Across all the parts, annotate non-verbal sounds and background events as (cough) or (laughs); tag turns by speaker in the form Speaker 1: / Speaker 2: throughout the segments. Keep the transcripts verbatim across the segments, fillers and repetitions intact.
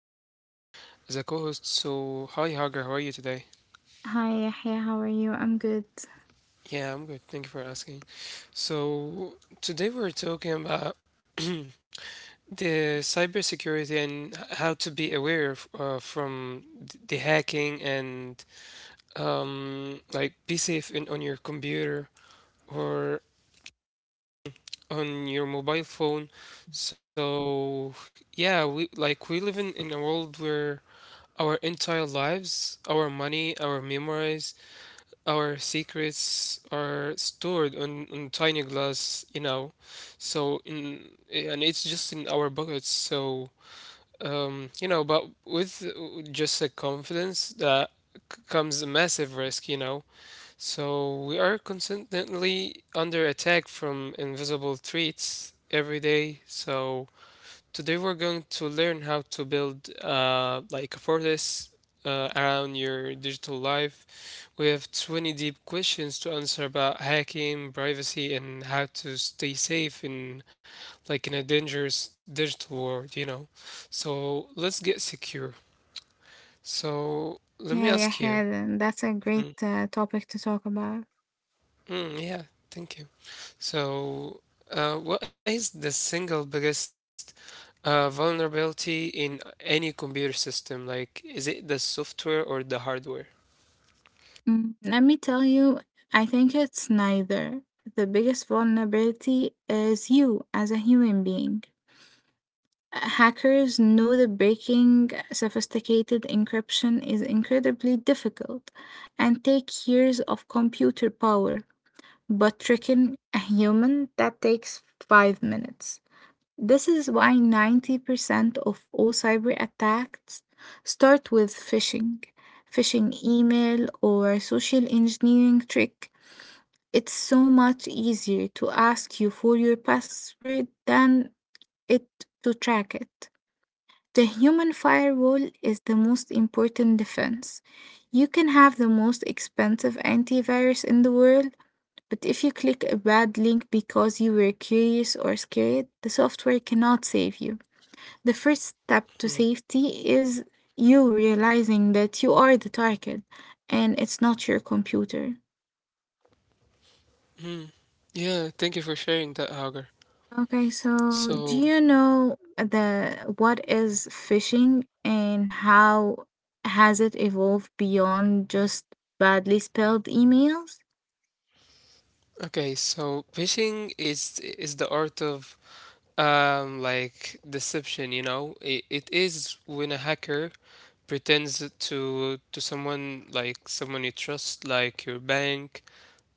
Speaker 1: Hagar as a co host. So, hi Hagar, how are you today?
Speaker 2: Hi, Yahya. How are you? I'm good.
Speaker 1: Yeah, I'm good. Thank you for asking. So, today we're talking about (clears throat) the cybersecurity and h- how to be aware of, uh, from th- the hacking and um, like be safe in, on your computer or on your mobile phone. So yeah, we like we live in, in a world where our entire lives, our money, our memories, our secrets are stored on, on tiny glass, you know. So in And it's just in our pockets. So um, you know, but with just a confidence that c- comes a massive risk, you know. So we are constantly under attack from invisible threats every day. So today we're going to learn how to build uh, like a fortress uh, around your digital life. We have twenty deep questions to answer about hacking, privacy, and how to stay safe in, like, in a dangerous digital world, you know. So let's get secure. So let me
Speaker 2: Yeah,
Speaker 1: ask
Speaker 2: Yahya,
Speaker 1: you.
Speaker 2: th- that's a great
Speaker 1: Mm,
Speaker 2: uh, topic to talk about.
Speaker 1: mm, yeah, thank you. So, uh, what is the single biggest uh, vulnerability in any computer system? Like, is it the software or the hardware?
Speaker 2: Mm, let me tell you, I think it's neither. The biggest vulnerability is you as a human being. Hackers know that breaking sophisticated encryption is incredibly difficult and take years of computer power, but tricking a human that takes five minutes. This is why ninety percent of all cyber attacks start with phishing, phishing email, or social engineering trick. It's so much easier to ask you for your password than it to track it. The human firewall is the most important defense. You can have the most expensive antivirus in the world, but if you click a bad link because you were curious or scared, the software cannot save you. The first step
Speaker 1: Hmm.
Speaker 2: to safety is you realizing that you are the target and it's not your computer.
Speaker 1: Hmm. Yeah, thank you for sharing that, Hagar.
Speaker 2: Okay, so do
Speaker 1: So,
Speaker 2: you know the what is phishing and how has it evolved beyond just badly spelled emails?
Speaker 1: okay, so phishing is is the art of um like deception, you know? It, it is when a hacker pretends to to someone like someone you trust, like your bank,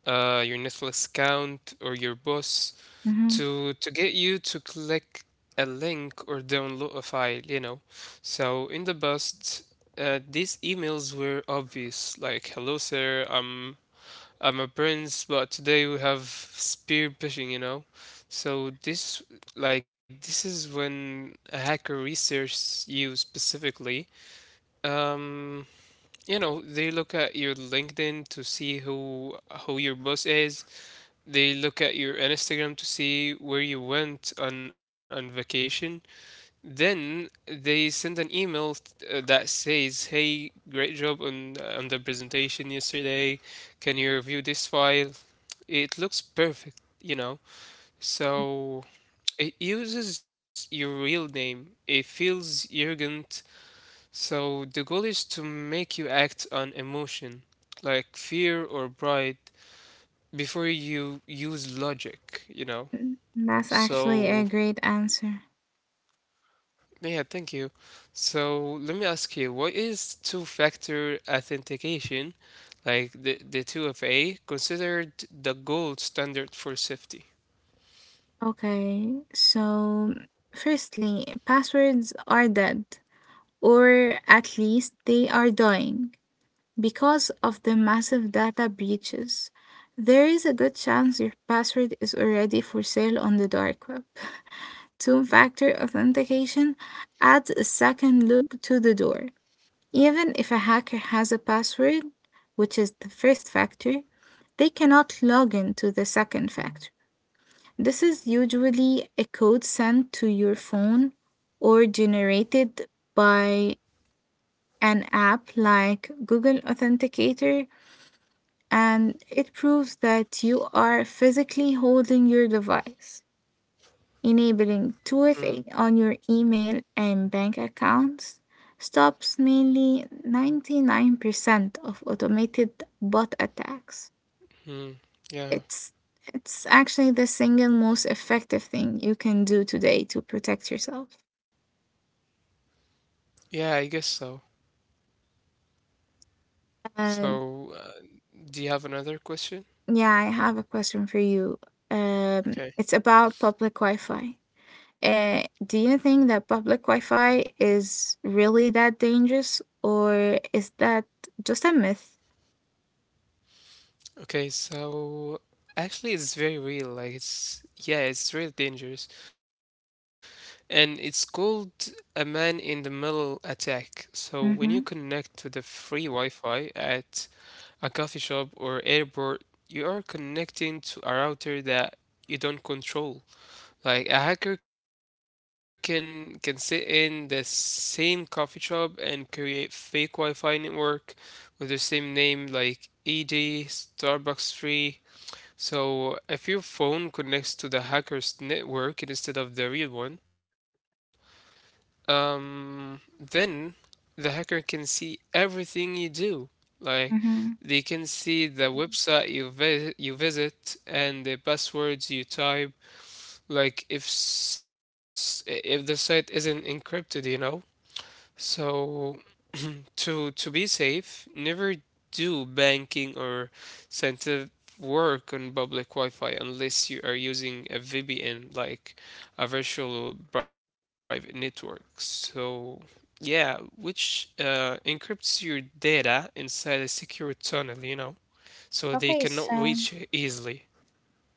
Speaker 1: uh, your Netflix account or your boss,
Speaker 2: Mm-hmm.
Speaker 1: to to get you to click a link or download a file, you know so in the past uh, these emails were obvious like, "Hello sir, i'm i'm a prince." But today we have spear phishing, you know so this like this is when a hacker research you specifically. um you know, they look at your LinkedIn to see who who your boss is. They look at your Instagram to see where you went on, on vacation. Then they send an email uh, that says, "Hey, great job on uh, on the presentation yesterday. Can you review this file? It looks perfect, you know." So it uses your real name. It feels arrogant. So the goal is to make you act on emotion, like fear or pride, before you use logic, you know?
Speaker 2: That's actually a
Speaker 1: So,
Speaker 2: great answer.
Speaker 1: yeah, thank you. So, let me ask you, what is two-factor authentication, like the the two F A, considered the gold standard for safety?
Speaker 2: Okay, so firstly, passwords are dead, or at least they are dying. Because of the massive data breaches, there is a good chance your password is already for sale on the dark web. Two factor authentication adds a second look to the door. Even if a hacker has a password, which is the first factor, they cannot log in to the second factor. This is usually a code sent to your phone or generated by an app like Google Authenticator and it proves that you are physically holding your device, enabling two F A on your email and bank accounts. Stops mainly ninety-nine percent of automated bot attacks.
Speaker 1: Mm-hmm.
Speaker 2: It's
Speaker 1: Yeah.
Speaker 2: it's actually the single most effective thing you can do today to protect yourself.
Speaker 1: Yeah, I guess so.
Speaker 2: Uh,
Speaker 1: So, uh, do you have another question?
Speaker 2: yeah, I have a question for you. Um, it's
Speaker 1: Okay.
Speaker 2: about public Wi-Fi. Uh, do you think that public Wi-Fi is really that dangerous, or is that just a myth?
Speaker 1: Okay, so actually it's very real. Like it's, yeah, it's really dangerous. And it's called a man in the middle attack. So when you
Speaker 2: Mm-hmm.
Speaker 1: connect to the free Wi-Fi at a coffee shop or airport, you are connecting to a router that you don't control. Like a hacker can can sit in the same coffee shop and create fake Wi-Fi network with the same name like E D, Starbucks Free. So if your phone connects to the hacker's network instead of the real one, um, then the hacker can see everything you do. Like
Speaker 2: Mm-hmm.
Speaker 1: they can see the website you vi- you visit and the passwords you type. Like if s- if the site isn't encrypted, you know. So to to be safe, never do banking or sensitive work on public Wi-Fi unless you are using a V P N, like a virtual private network. So yeah, which uh, encrypts your data inside a secure tunnel, you know, so they
Speaker 2: Okay,
Speaker 1: cannot reach
Speaker 2: so
Speaker 1: it easily.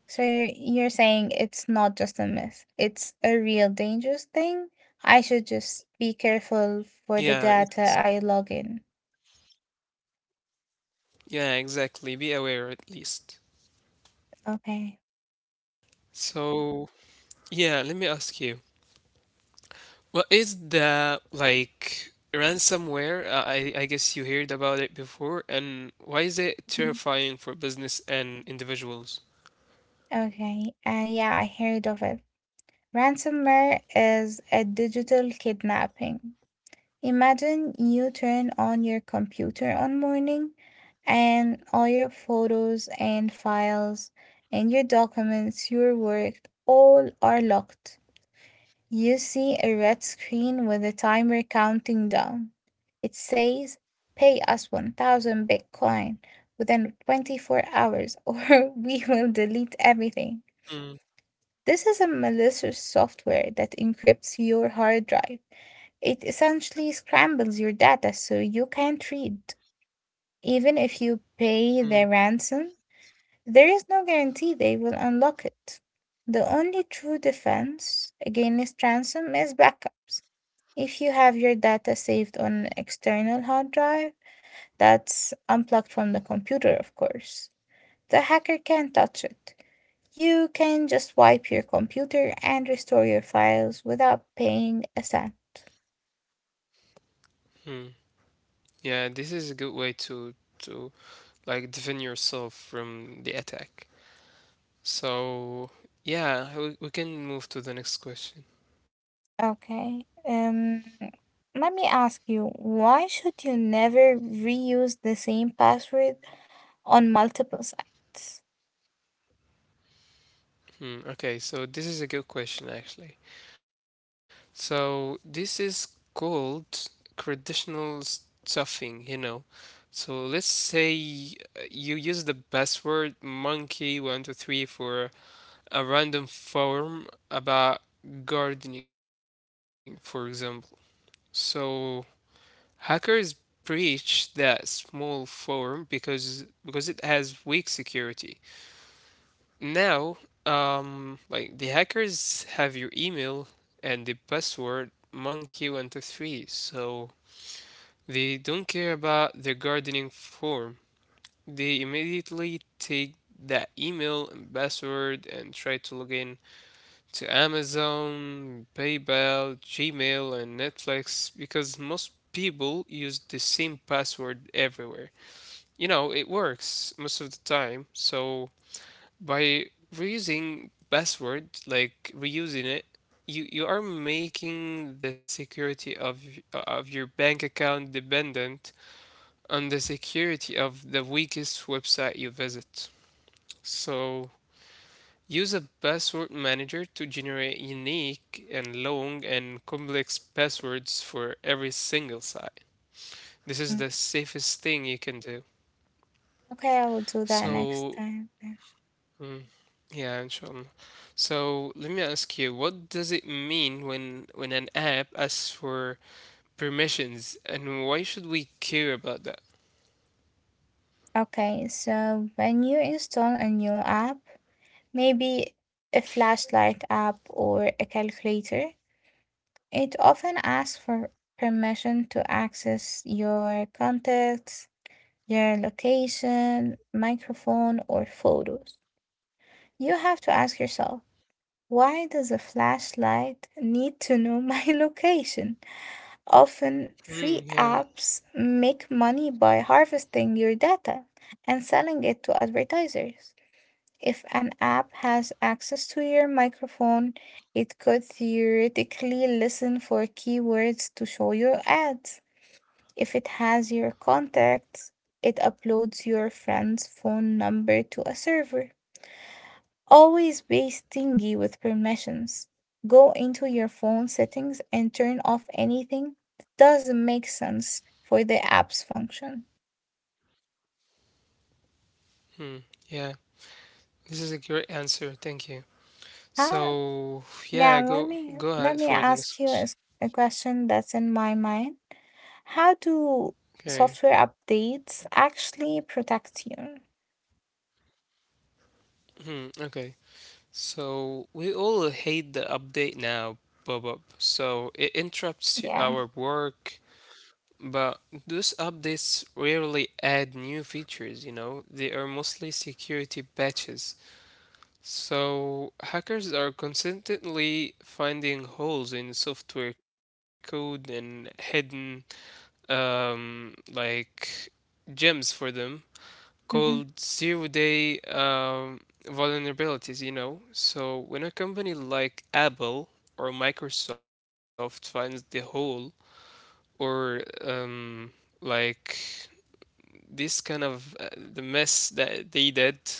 Speaker 2: so you're you're saying it's not just a myth. It's a real dangerous thing. I should just be careful
Speaker 1: Yeah,
Speaker 2: for the
Speaker 1: it's,
Speaker 2: data I log in.
Speaker 1: yeah, exactly. Be aware at least.
Speaker 2: Okay.
Speaker 1: So yeah, let me ask you. Well, is the like ransomware? Uh, I I guess you heard about it before, and why is it
Speaker 2: Mhm.
Speaker 1: terrifying for business and individuals?
Speaker 2: Okay. Uh, yeah, I heard of it. Ransomware is a digital kidnapping. Imagine you turn on your computer on morning and all your photos and files and your documents, your work, all are locked. You see a red screen with a timer counting down. It says, pay us one thousand Bitcoin within twenty-four hours or (laughs) we will delete everything.
Speaker 1: Mm,
Speaker 2: This is a malicious software that encrypts your hard drive. It essentially scrambles your data so you can't read. Even if you pay the
Speaker 1: mm,
Speaker 2: ransom, there is no guarantee they will unlock it. The only true defense against ransom is backups. If you have your data saved on an external hard drive that's unplugged from the computer, of course, the hacker can't touch it. You can just wipe your computer and restore your files without paying a cent.
Speaker 1: mm. Yeah, this is a good way to to like defend yourself from the attack. So yeah, we, we can move to the next question.
Speaker 2: Okay. Um, let me ask you, why should you never reuse the same password on multiple sites?
Speaker 1: Hmm, okay, so this is a good question actually. So this is called traditional stuffing, you know. So let's say uh, you use the password monkey one two three for a random form about gardening, for example. So hackers breach that small form because because it has weak security. Now, um, like the hackers have your email and the password monkey one two three, so they don't care about the gardening form. They immediately take that email and password and try to log in to Amazon, PayPal, Gmail, and Netflix because most people use the same password everywhere. You know, it works most of the time, so by reusing password, like reusing it, you you are making the security of y- of your bank account dependent on the security of the weakest website you visit. So use a password manager to generate unique and long and complex passwords for every single site. This is
Speaker 2: Mm,
Speaker 1: the safest thing you can do.
Speaker 2: Okay, I will do that next
Speaker 1: so
Speaker 2: time. Then.
Speaker 1: mm, Yeah, inshallah. So let me ask you, what does it mean when when an app asks for permissions, and why should we care about that?
Speaker 2: Okay, so when you install a new app, maybe a flashlight app or a calculator. It often asks for permission to access your contacts, your location, microphone, or photos. You have to ask yourself why does a flashlight need to know (laughs) my location?
Speaker 1: Hmm.
Speaker 2: Often,
Speaker 1: Yeah.
Speaker 2: free apps make money by harvesting your data and selling it to advertisers. If an app has access to your microphone, it could theoretically listen for keywords to show your ads. If it has your contacts, it uploads your friend's phone number to a server. Always be stingy with permissions. Go into your phone settings and turn off anything that doesn't make sense for the app's function.
Speaker 1: Hmm. Yeah. This is a great answer. Thank you.
Speaker 2: How
Speaker 1: So
Speaker 2: Yeah,
Speaker 1: yeah,
Speaker 2: let
Speaker 1: go
Speaker 2: me
Speaker 1: go
Speaker 2: let
Speaker 1: ahead
Speaker 2: me
Speaker 1: for the next
Speaker 2: ask you a,
Speaker 1: question.
Speaker 2: s- a question that's in my mind. How do
Speaker 1: Okay.
Speaker 2: software updates actually protect you?
Speaker 1: Hmm. Okay. So we all hate the update now, Bob. So it interrupts y-
Speaker 2: Yeah.
Speaker 1: our work. But those updates rarely add new features, you know, they are mostly security patches. So hackers are constantly finding holes in software code and hidden, um, like gems for them, called
Speaker 2: Hmm.
Speaker 1: zero day um, vulnerabilities, you know. So when a company like Apple or Microsoft finds the hole, or um, like this kind of uh, the mess that they did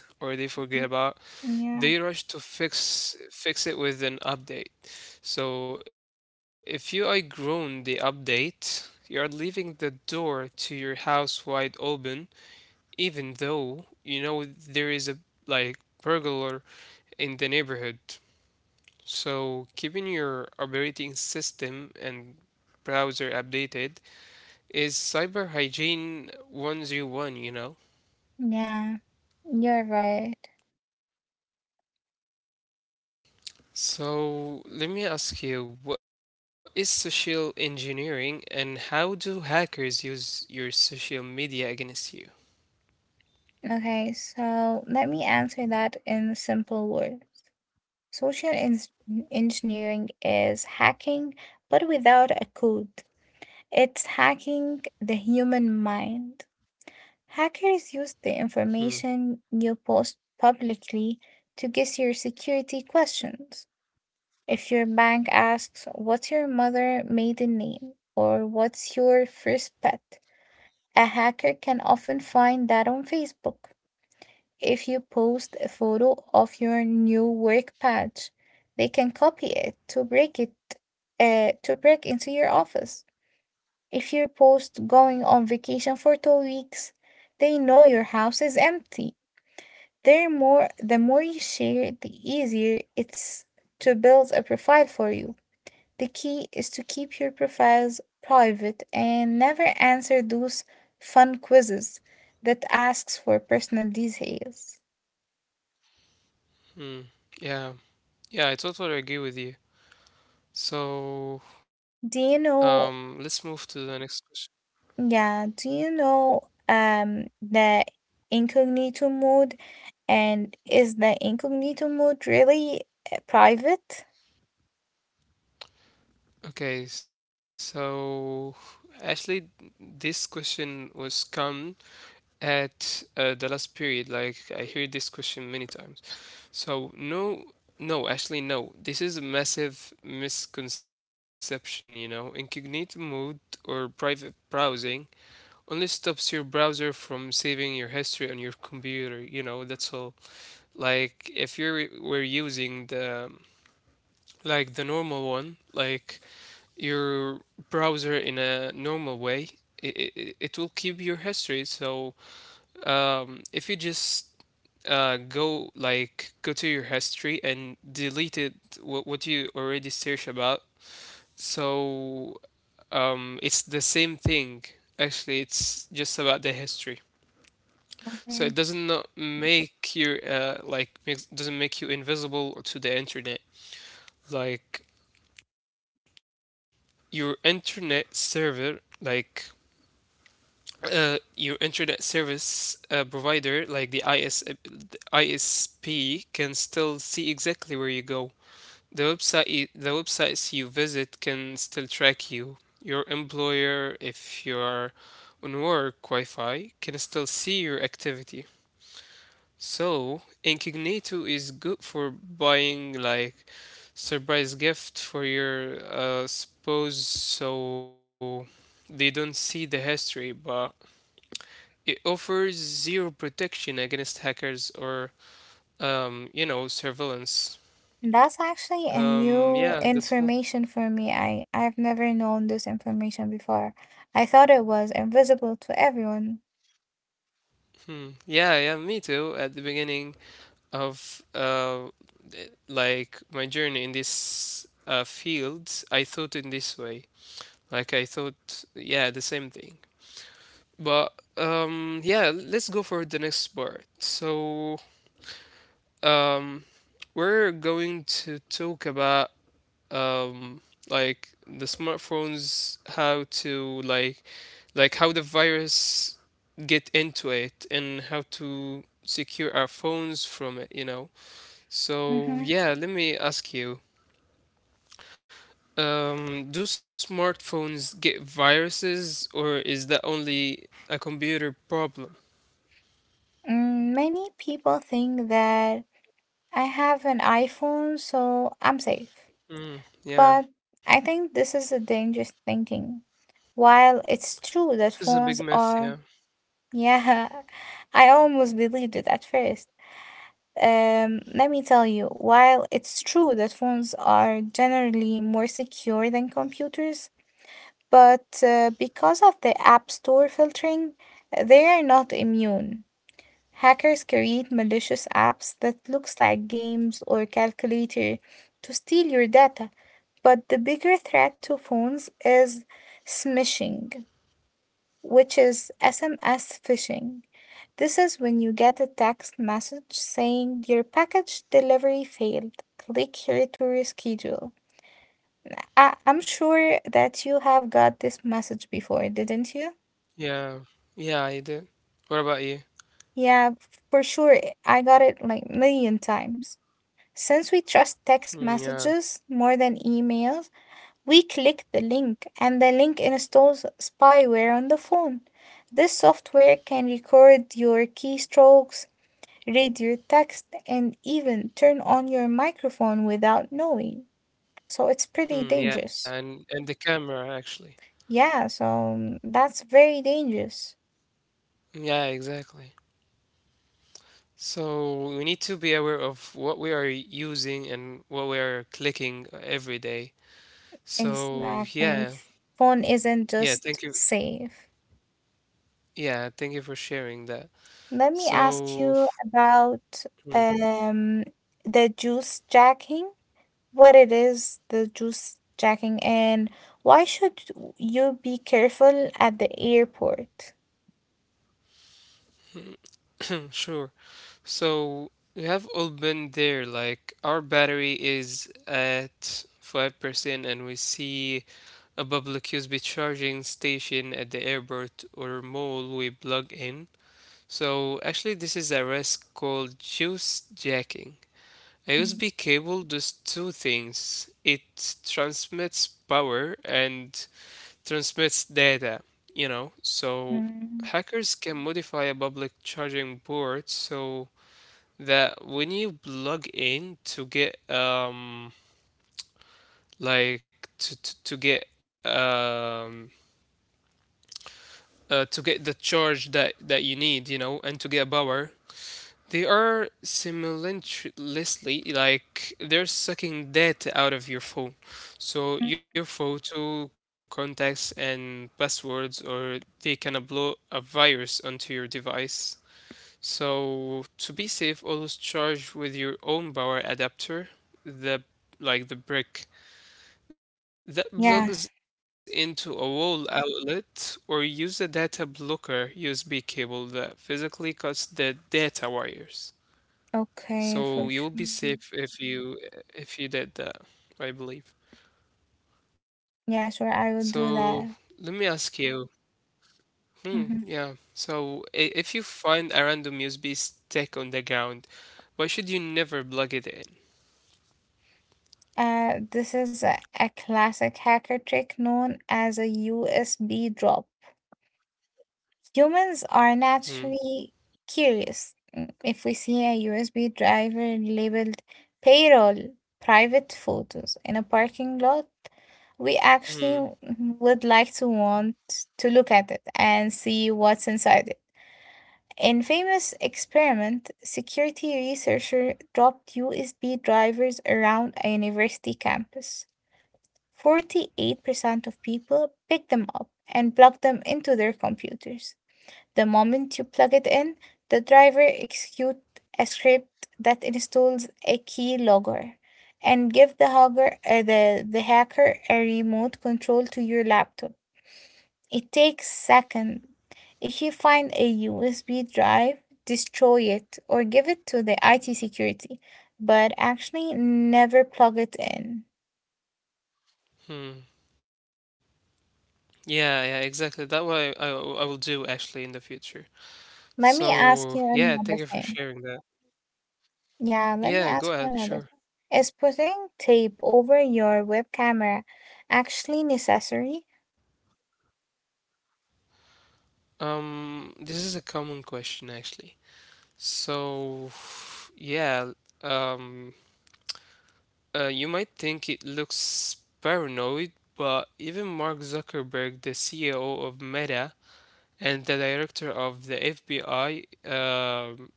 Speaker 1: or they forget about,
Speaker 2: Yeah.
Speaker 1: they rush to fix fix it with an update. So if you outgrown the update, you're leaving the door to your house wide open, even though you know there is a, like, burglar in the neighborhood. So keeping your operating system and browser updated is cyber hygiene one oh one, you know.
Speaker 2: Yeah. You're right.
Speaker 1: So let me ask you, what is social engineering and how do hackers use your social media against you?
Speaker 2: Okay, so let me answer that in simple words. Social en- engineering is hacking, but without a code. It's hacking the human mind. Hackers use the
Speaker 1: Hmm.
Speaker 2: information you post publicly to guess your security questions. If your bank asks, "What's your mother maiden name?" or "What's your first pet?", a hacker can often find that on Facebook. If you post a photo of your new work badge, they can copy it to break it uh, to break into your office. If you post going on vacation for two weeks, they know your house is empty. They're more the more you share, the easier it's to build a profile for you. The key is to keep your profiles private and never answer those fun quizzes that asks for personal details.
Speaker 1: Hmm. Yeah. Yeah, I totally agree with you. So,
Speaker 2: Do you
Speaker 1: um,
Speaker 2: know,
Speaker 1: let's move to the next question.
Speaker 2: yeah, do you know um the incognito mode, and is the incognito mode really uh, private?
Speaker 1: Okay, so actually, this question was come at uh, the last period. Like I heard this question many times. So no, no, actually no. This is a massive misconception, you know. Incognito mode or private browsing only stops your browser from saving your history on your computer, you know, that's all. Like if you were using the, like, the normal one, like your browser in a normal way, it, it, it will keep your history. So um, if you just uh, go like go to your history and delete it, what, what you already search about. So um, it's the same thing, actually. It's just about the history, so it
Speaker 2: Okay.
Speaker 1: doesn't not make your uh, like makes, doesn't make you invisible to the internet. Like your internet server, like uh, your internet service uh, provider, like the I S, uh, the I S P, can still see exactly where you go. The website the websites you visit can still track you. Your employer, if you are on work Wi-Fi, can still see your activity. So, incognito is good for buying, like, surprise gift for your uh, spouse so they don't see the history, but it offers zero protection against hackers or um, you know, surveillance.
Speaker 2: That's actually a
Speaker 1: Um,
Speaker 2: new
Speaker 1: yeah, that's all.
Speaker 2: information for me. I I've never known this information before. I thought it was invisible to everyone.
Speaker 1: Hmm. Yeah, yeah, me too. At the beginning of uh, th- like my journey in this uh, field, I thought in this way. Like I thought, yeah, the same thing. But um, yeah, let's go for the next part. So um, we're going to talk about um, like the smartphones, how to like like how the virus get into it and how to secure our phones from it, you know. So
Speaker 2: Mm-hmm.
Speaker 1: yeah, let me ask you, um, do smartphones get viruses or is that only a computer problem?
Speaker 2: Mm, many people think that I have an iPhone, so I'm safe.
Speaker 1: mm,
Speaker 2: But
Speaker 1: yeah,
Speaker 2: I think this is a dangerous thinking. While it's true that
Speaker 1: this is a big
Speaker 2: phones
Speaker 1: myth, yeah.
Speaker 2: are, yeah, (laughs) I almost believed it at first. Um, let me tell you, while it's true that phones are generally more secure than computers, but uh, because of the App Store filtering, they are not immune. Hackers create malicious apps that looks like games or calculator to steal your data. But the bigger threat to phones is smishing, which is S M S phishing. This is when you get a text message saying your package delivery failed. Click here to reschedule. I- I'm sure that you have got this message before, didn't you?
Speaker 1: Yeah, yeah, I did. What about you?
Speaker 2: Yeah, for sure. I got it like million times. Since we trust text
Speaker 1: Hmm, yeah.
Speaker 2: messages more than emails, we click the link and the link installs spyware on the phone. This software can record your keystrokes, read your text, and even turn on your microphone without knowing. So it's pretty
Speaker 1: Hmm, yeah,
Speaker 2: dangerous.
Speaker 1: and and the camera actually.
Speaker 2: Yeah, so mm, that's very dangerous.
Speaker 1: Yeah, exactly. So we need to be aware of what we are using and what we are clicking every day. So
Speaker 2: Exactly.
Speaker 1: yeah,
Speaker 2: Phone isn't
Speaker 1: yeah, thank
Speaker 2: just
Speaker 1: you.
Speaker 2: safe.
Speaker 1: Yeah, thank you for sharing that.
Speaker 2: Let me ask
Speaker 1: So
Speaker 2: you about
Speaker 1: hmm,
Speaker 2: um the juice jacking. What it is, the juice jacking, and why should you be careful at the airport?
Speaker 1: sure. So we have all been there. Like our battery is at five percent, and we see a public U S B charging station at the airport or mall. We plug in. So actually, this is a risk called juice jacking. A
Speaker 2: Mhm,
Speaker 1: U S B cable does two things. It transmits power and transmits data, you know. So hackers can modify a public charging board so that when you plug in to get um like to to, to get um uh, to get the charge that that you need, you know, and to get power, they are simultaneously, like, they're sucking data out of your phone. So
Speaker 2: mhm.
Speaker 1: your photo, contacts, and passwords, or they can upload a virus onto your device. So to be safe, always charge with your own power adapter, the like the brick that plugs into
Speaker 2: Yeah.
Speaker 1: a wall outlet, or use a data blocker U S B cable that physically cuts the data wires. So you'll
Speaker 2: Okay,
Speaker 1: be
Speaker 2: for
Speaker 1: safe
Speaker 2: sure.
Speaker 1: if you if you did that, I believe. So
Speaker 2: Yeah, sure,
Speaker 1: let
Speaker 2: I will
Speaker 1: me
Speaker 2: do
Speaker 1: ask you.
Speaker 2: that.
Speaker 1: Hmm, yeah.
Speaker 2: Hmm.
Speaker 1: So i- if you find a random U S B stick on the ground, why should you never plug it in?
Speaker 2: Uh, this is a, a classic hacker trick known as a U S B drop. Humans
Speaker 1: Hmm.
Speaker 2: are naturally curious. Mm, If we see a U S B driver labeled payroll, private photos in a parking lot, we
Speaker 1: Hmm.
Speaker 2: actually w- would like to want to look at it and see what's inside it. In famous experiment, security researcher dropped U S B drivers around a university campus. forty-eight percent of people picked them up and plugged them into their computers. The moment you plug it in, the driver executes a script that installs a key logger and give the hacker, uh, the, the hacker a remote control to your laptop. It takes seconds. If you find a U S B drive, destroy it or give it to the I T security, but actually never plug it in.
Speaker 1: Hmm. Yeah, yeah, exactly. That why I, I will do actually in the future.
Speaker 2: Let me ask you
Speaker 1: So
Speaker 2: another
Speaker 1: yeah, thank you
Speaker 2: thing.
Speaker 1: for sharing that.
Speaker 2: Yeah, let me ask you
Speaker 1: Yeah,
Speaker 2: another
Speaker 1: go
Speaker 2: thing.
Speaker 1: ahead, sure.
Speaker 2: Is putting tape over your web camera actually necessary?
Speaker 1: Um, this is a common question actually. So yeah, um, Uh, you might think it looks paranoid, but even Mark Zuckerberg, the C E O of Meta, and the director of the F B I, um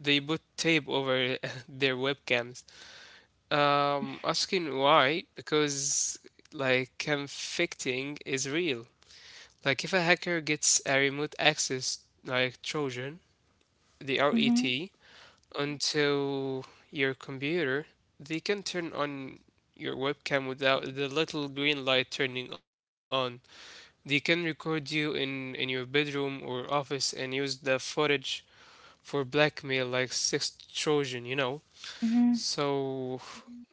Speaker 1: they put tape over (laughs) their webcams. Um, asking why? Because like convicting is real. Like if a hacker gets a remote access like Trojan, the
Speaker 2: Mm-hmm.
Speaker 1: R E T, onto your computer, they can turn on your webcam without the little green light turning on. They can record you in, in your bedroom or office and use the footage for blackmail like sex Trojan, you know.
Speaker 2: Mm-hmm.
Speaker 1: So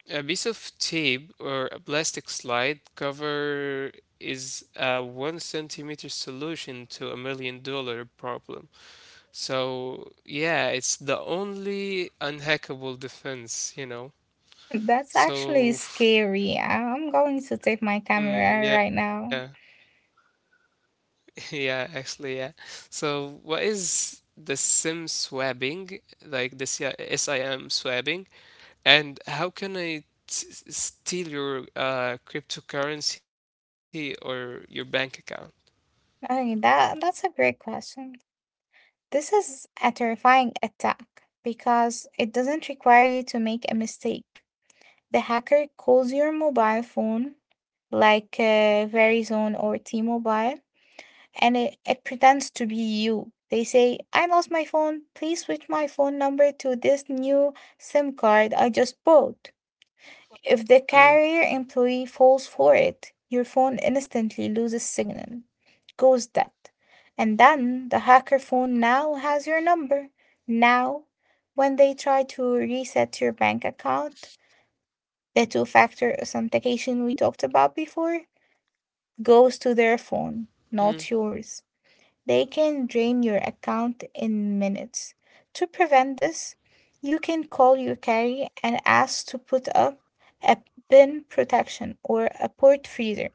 Speaker 1: a piece of tape or a plastic slide cover is a one centimeter solution to a million dollar problem. So yeah, it's the only unhackable defense, you know.
Speaker 2: (laughs) That's actually
Speaker 1: So
Speaker 2: scary. I- I'm going to tape my
Speaker 1: mm,
Speaker 2: camera
Speaker 1: yeah,
Speaker 2: right now.
Speaker 1: (laughs) yeah, actually, yeah. So what is the SIM swapping, like the C- I SIM swapping, and how can I t- steal your uh, cryptocurrency or your bank account?
Speaker 2: Okay, that that's a great question. This is a terrifying attack because it doesn't require you to make a mistake. The hacker calls your mobile phone, like uh, Verizon or T Mobile, and it, it pretends to be you. They say, "I lost my phone. Please switch my phone number to this new SIM card I just bought."
Speaker 1: Mm,
Speaker 2: If the carrier employee falls for it, your phone instantly loses signal, goes dead, and then the hacker phone now has your number. Now, when they try to reset your bank account, the two factor authentication we talked about before goes to their phone,
Speaker 1: mm,
Speaker 2: not yours. They can drain your account in minutes. To prevent this, you can call your carrier and ask to put up a bin protection or a port freezer,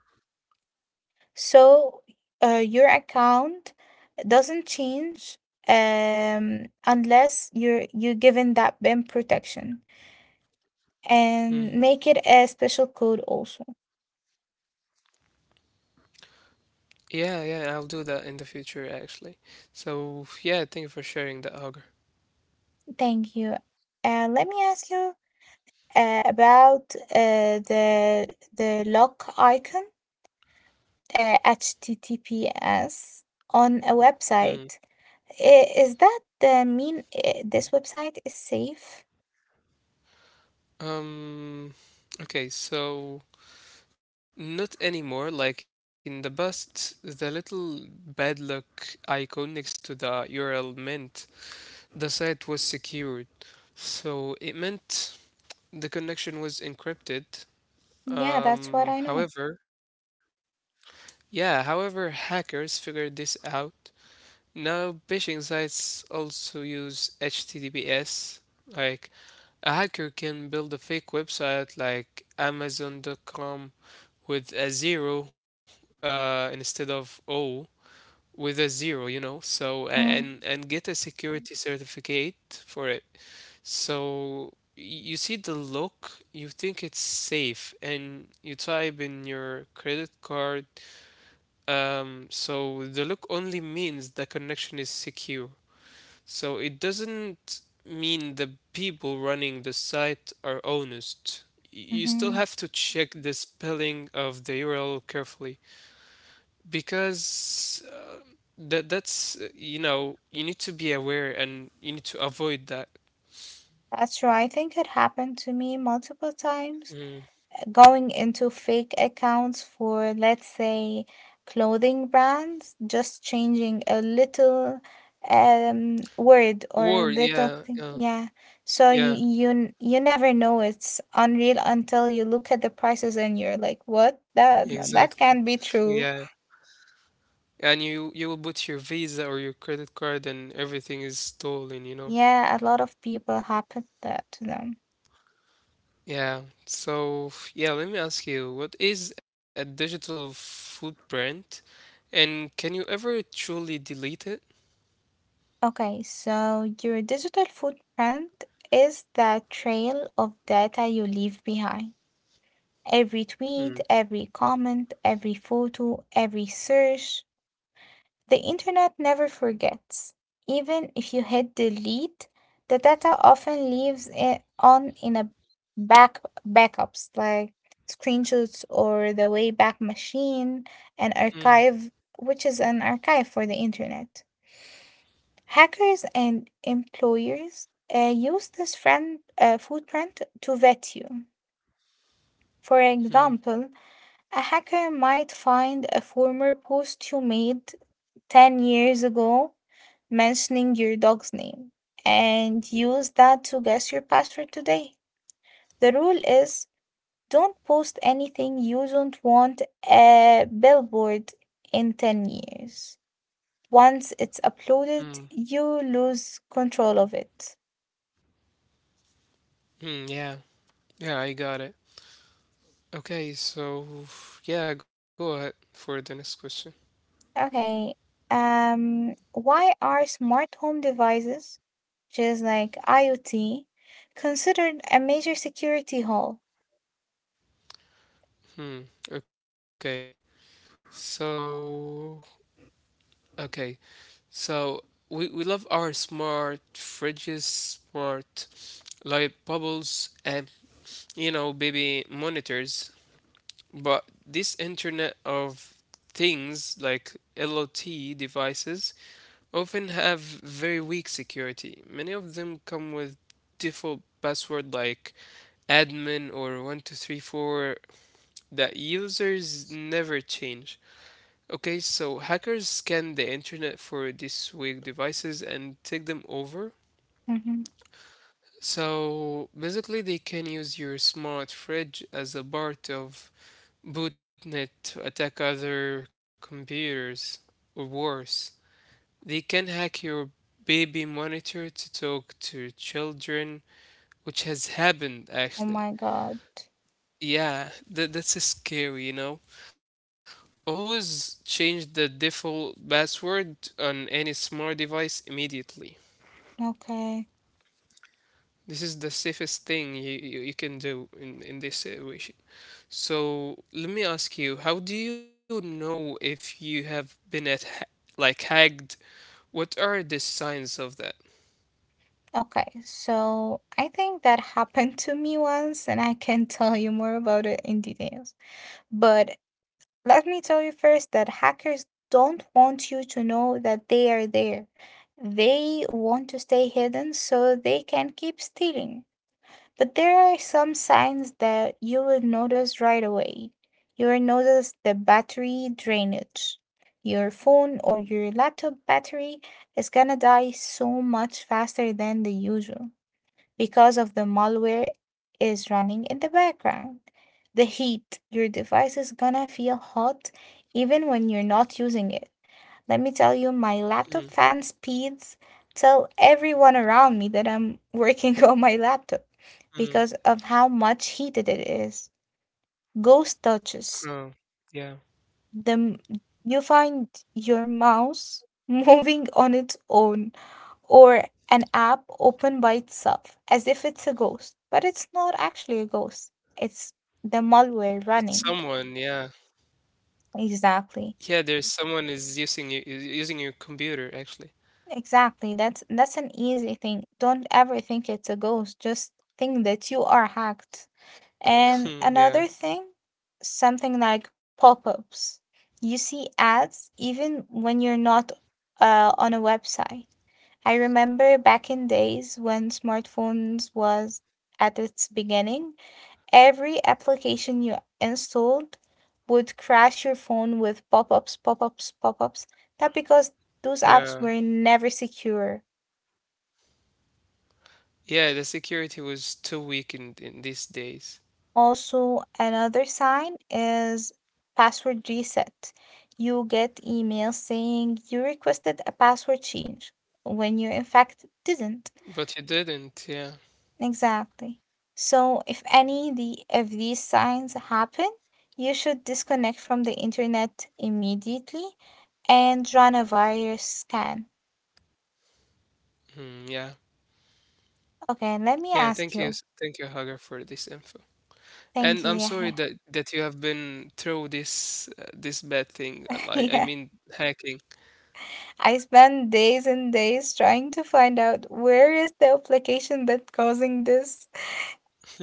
Speaker 2: so uh, your account doesn't change um, unless you're you're given that bin protection
Speaker 1: mm.
Speaker 2: and make it a special code also.
Speaker 1: Yeah, yeah, I'll do that in the future, actually. So yeah, thank you for sharing that, Augur.
Speaker 2: Thank you. Uh, let me ask you uh, about uh, the the lock icon, uh, H T T P S on a
Speaker 1: Mm.
Speaker 2: website. I- Is that uh, mean uh, this website is safe?
Speaker 1: Um, okay, so not anymore. Like in the past, the little bad luck icon next to the U R L meant the site was secured. So it meant the connection was encrypted.
Speaker 2: Yeah, that's what I know.
Speaker 1: Um, however, yeah, however, hackers figured this out. Now phishing sites also use H T T P S. Like A hacker can build a fake website like Amazon dot com with a zero uh, instead of O, with a zero, you know. So a- and and get a security certificate for it. So y- you see the look, you think it's safe, and you type in your credit card. Um, so the look only means the connection is secure. So it doesn't mean the people running the site are honest. You still
Speaker 2: Mm-hmm.
Speaker 1: have to check the spelling of the U R L carefully because uh, that that's uh, you know you need to be aware and you need to avoid that.
Speaker 2: That's true. I think it happened to me multiple times.
Speaker 1: Mm.
Speaker 2: Going into fake accounts for, let's say, clothing brands, just changing a little um word or
Speaker 1: Word,
Speaker 2: little
Speaker 1: yeah,
Speaker 2: thing,
Speaker 1: yeah,
Speaker 2: yeah. So you
Speaker 1: yeah,
Speaker 2: you n- you never know it's unreal until you look at the prices and you're like, what, that that
Speaker 1: exactly.
Speaker 2: can't be true.
Speaker 1: Yeah, and you you will put your Visa or your credit card and everything is stolen, you know.
Speaker 2: Yeah, a lot of people happen that to them.
Speaker 1: Yeah. So, yeah, let me ask you, what is a digital footprint, and can you ever truly delete it?
Speaker 2: Okay, so your digital footprint is the trail of data you leave behind. Every tweet,
Speaker 1: Hmm.
Speaker 2: every comment, every photo, every search, the internet never forgets. Even if you hit delete, the data often leaves it on in a back backups like screenshots or the Wayback Machine, an
Speaker 1: Hmm.
Speaker 2: archive, which is an archive for the internet. Hackers and employers uh, use this friend, uh, footprint to vet you. For
Speaker 1: Hmm.
Speaker 2: example, a hacker might find a former post you made ten years ago mentioning your dog's name and use that to guess your password today. The rule is, don't post anything you don't want a billboard in ten years. Once it's
Speaker 1: Hmm.
Speaker 2: uploaded, you lose control of it.
Speaker 1: Hmm. Yeah. Yeah, I got it. Okay, so yeah, go ahead for the next question.
Speaker 2: Okay. Um why are smart home devices, just like IoT, considered a major security hole?
Speaker 1: Hmm. Okay. So, okay. So we we love our smart fridges, smart light bubbles, and you know, baby monitors. But this Internet of Things, like L O T devices, often have very weak security. Many of them come with default password like admin or one two three four that users never change. Okay, so hackers scan the internet for these weak devices and take them over.
Speaker 2: Hmm.
Speaker 1: So basically, they can use your smart fridge as a part of botnet to attack other computers, or worse. They can hack your baby monitor to talk to children, which has happened
Speaker 2: Oh my
Speaker 1: actually.
Speaker 2: god.
Speaker 1: Yeah, that, that's scary, you know? Always change the default password on any smart device immediately.
Speaker 2: Okay.
Speaker 1: This is the safest thing you, you, you can do in, in this situation. So let me ask you, how do you know if you have been at ha- like hacked? What are the signs of that?
Speaker 2: Okay, so I think that happened to me once and I can (laughs) tell you more about it in details. But let me tell you first that hackers don't want you to know that they are there. They want to stay hidden so they can keep stealing. But there are some signs that you will notice right away. You will notice the battery drainage. Your phone or your laptop battery is gonna die so much faster than the usual because of the malware is running in the background. The heat, your device is gonna feel hot even when you're not using it. Let me tell you, my laptop
Speaker 1: Mm,
Speaker 2: fan speeds tell everyone around me that I'm working (laughs) on my laptop because
Speaker 1: mm,
Speaker 2: of how much heated it is. Ghost touches.
Speaker 1: oh, yeah.
Speaker 2: The m- you find your mouse (laughs) moving on its own, or an app open by itself as if it's a ghost, but it's not actually a ghost. It's the malware
Speaker 1: It's
Speaker 2: running.
Speaker 1: someone, yeah.
Speaker 2: Exactly.
Speaker 1: Yeah, there's someone is using you using your computer actually.
Speaker 2: Exactly. That's that's an easy thing. Don't ever think it's a ghost. Just think that you are hacked. And
Speaker 1: (laughs) Hmm,
Speaker 2: another
Speaker 1: yeah,
Speaker 2: thing, something like pop-ups. You see ads even when you're not uh, on a website. I remember back in days when smartphones was at its beginning, every application you installed would crash your phone with pop ups, pop ups, pop ups. That because those apps
Speaker 1: yeah.
Speaker 2: were never secure.
Speaker 1: Yeah, the security was too weak in in these days.
Speaker 2: Also, another sign is password reset. You get emails saying you requested a password change when you in fact didn't.
Speaker 1: But you didn't, yeah.
Speaker 2: Exactly. So if any the if these signs happen, you should disconnect from the internet immediately and run a virus scan.
Speaker 1: Hmm, yeah.
Speaker 2: Okay, let me
Speaker 1: Yeah,
Speaker 2: ask
Speaker 1: thank you.
Speaker 2: you.
Speaker 1: s- Thank you, Hagar, for this info.
Speaker 2: Thank
Speaker 1: And
Speaker 2: you,
Speaker 1: I'm sorry
Speaker 2: Yahya.
Speaker 1: that that you have been through this uh, this bad thing. uh,
Speaker 2: (laughs)
Speaker 1: I I
Speaker 2: Yeah.
Speaker 1: mean hacking.
Speaker 2: I spent days and days trying to find out where is the application that causing this.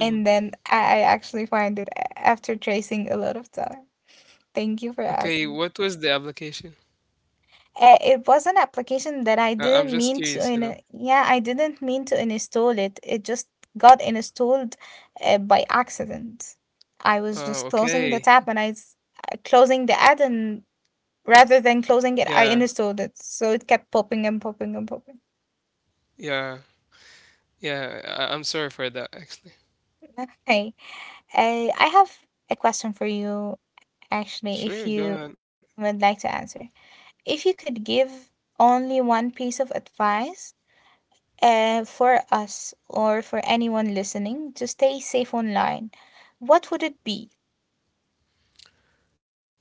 Speaker 2: And then I I actually find it a- after tracing a lot of time. Thank you for asking.
Speaker 1: Okay, what was the application?
Speaker 2: Uh, it was an application that I
Speaker 1: I, I'm
Speaker 2: didn't
Speaker 1: just
Speaker 2: mean to
Speaker 1: curious, you
Speaker 2: in
Speaker 1: know.
Speaker 2: yeah, I didn't mean to install it. It just got installed uh, by accident. I was just
Speaker 1: Oh,
Speaker 2: closing the
Speaker 1: okay.
Speaker 2: tab and I s- uh, closing the ad and rather than closing it,
Speaker 1: Yeah,
Speaker 2: I installed it. So it kept popping and popping and popping.
Speaker 1: yeah, yeah. I I'm sorry for that, actually.
Speaker 2: Okay. Uh, I have a question for you actually, if
Speaker 1: Sure,
Speaker 2: you
Speaker 1: go ahead.
Speaker 2: would like to answer. If you could give only one piece of advice uh, for us or for anyone listening to stay safe online, what would it be?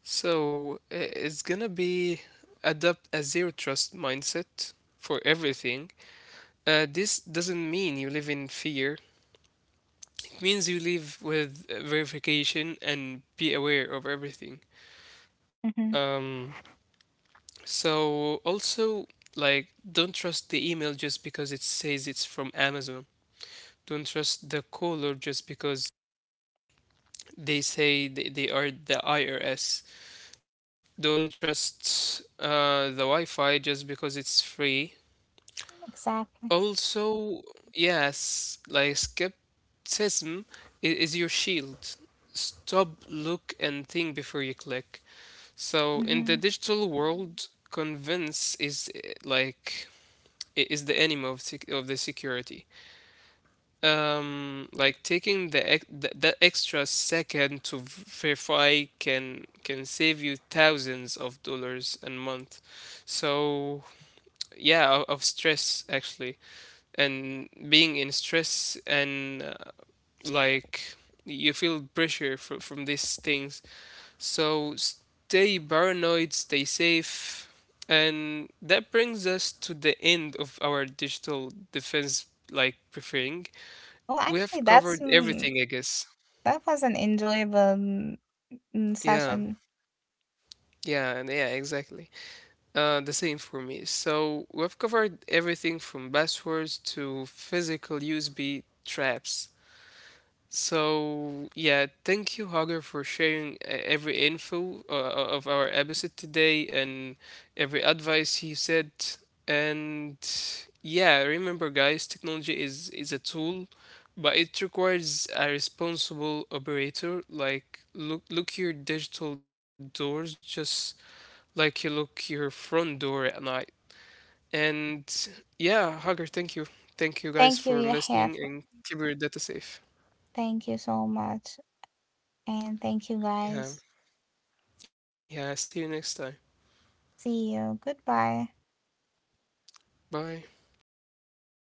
Speaker 1: So i- it's gonna be adopt a zero trust mindset for everything. Uh, this doesn't mean you live in fear. It means you live with uh, verification and be aware of everything.
Speaker 2: Hmm.
Speaker 1: Um, so also like don't trust the email just because it says it's from Amazon. Don't trust the caller just because they say they, they are the I R S. Don't trust uh, the Wi Fi just because it's free.
Speaker 2: Exactly.
Speaker 1: Also, yes, like skepticism i- is your shield. Stop, look, and think before you click. So, in the
Speaker 2: Hmm.
Speaker 1: digital world, convince is eh, like i- is the enemy of sec- of the security. Um, like taking the ex th that extra second to v- verify can can save you thousands of dollars a month. So yeah, of, of stress actually, and being in stress and uh, like you feel pressure fr from these things. So stay paranoid, stay safe. And that brings us to the end of our digital defense like briefing.
Speaker 2: Well,
Speaker 1: We
Speaker 2: actually,
Speaker 1: have
Speaker 2: that's
Speaker 1: covered
Speaker 2: mm,
Speaker 1: everything, I guess.
Speaker 2: that was an enjoyable, mm, mm,
Speaker 1: Yeah,
Speaker 2: session.
Speaker 1: yeah, and yeah, exactly. Uh, the same for me. So we've covered everything from passwords to physical U S B traps. So, yeah, thank you, Hagar, for sharing uh, every info uh, uh, of our episode today and every advice he said. And yeah, remember, guys, technology is is a tool, but it requires a responsible operator. Like, look look your digital doors just like you look your front door at night. And yeah, Hagar, thank you, thank you, guys,
Speaker 2: Thank
Speaker 1: for
Speaker 2: you, Yahya,
Speaker 1: listening
Speaker 2: for-
Speaker 1: and keep your data safe.
Speaker 2: Thank you so much, and thank you
Speaker 1: Yeah.
Speaker 2: guys.
Speaker 1: Yeah, see you next time.
Speaker 2: See you. Goodbye.
Speaker 1: Bye.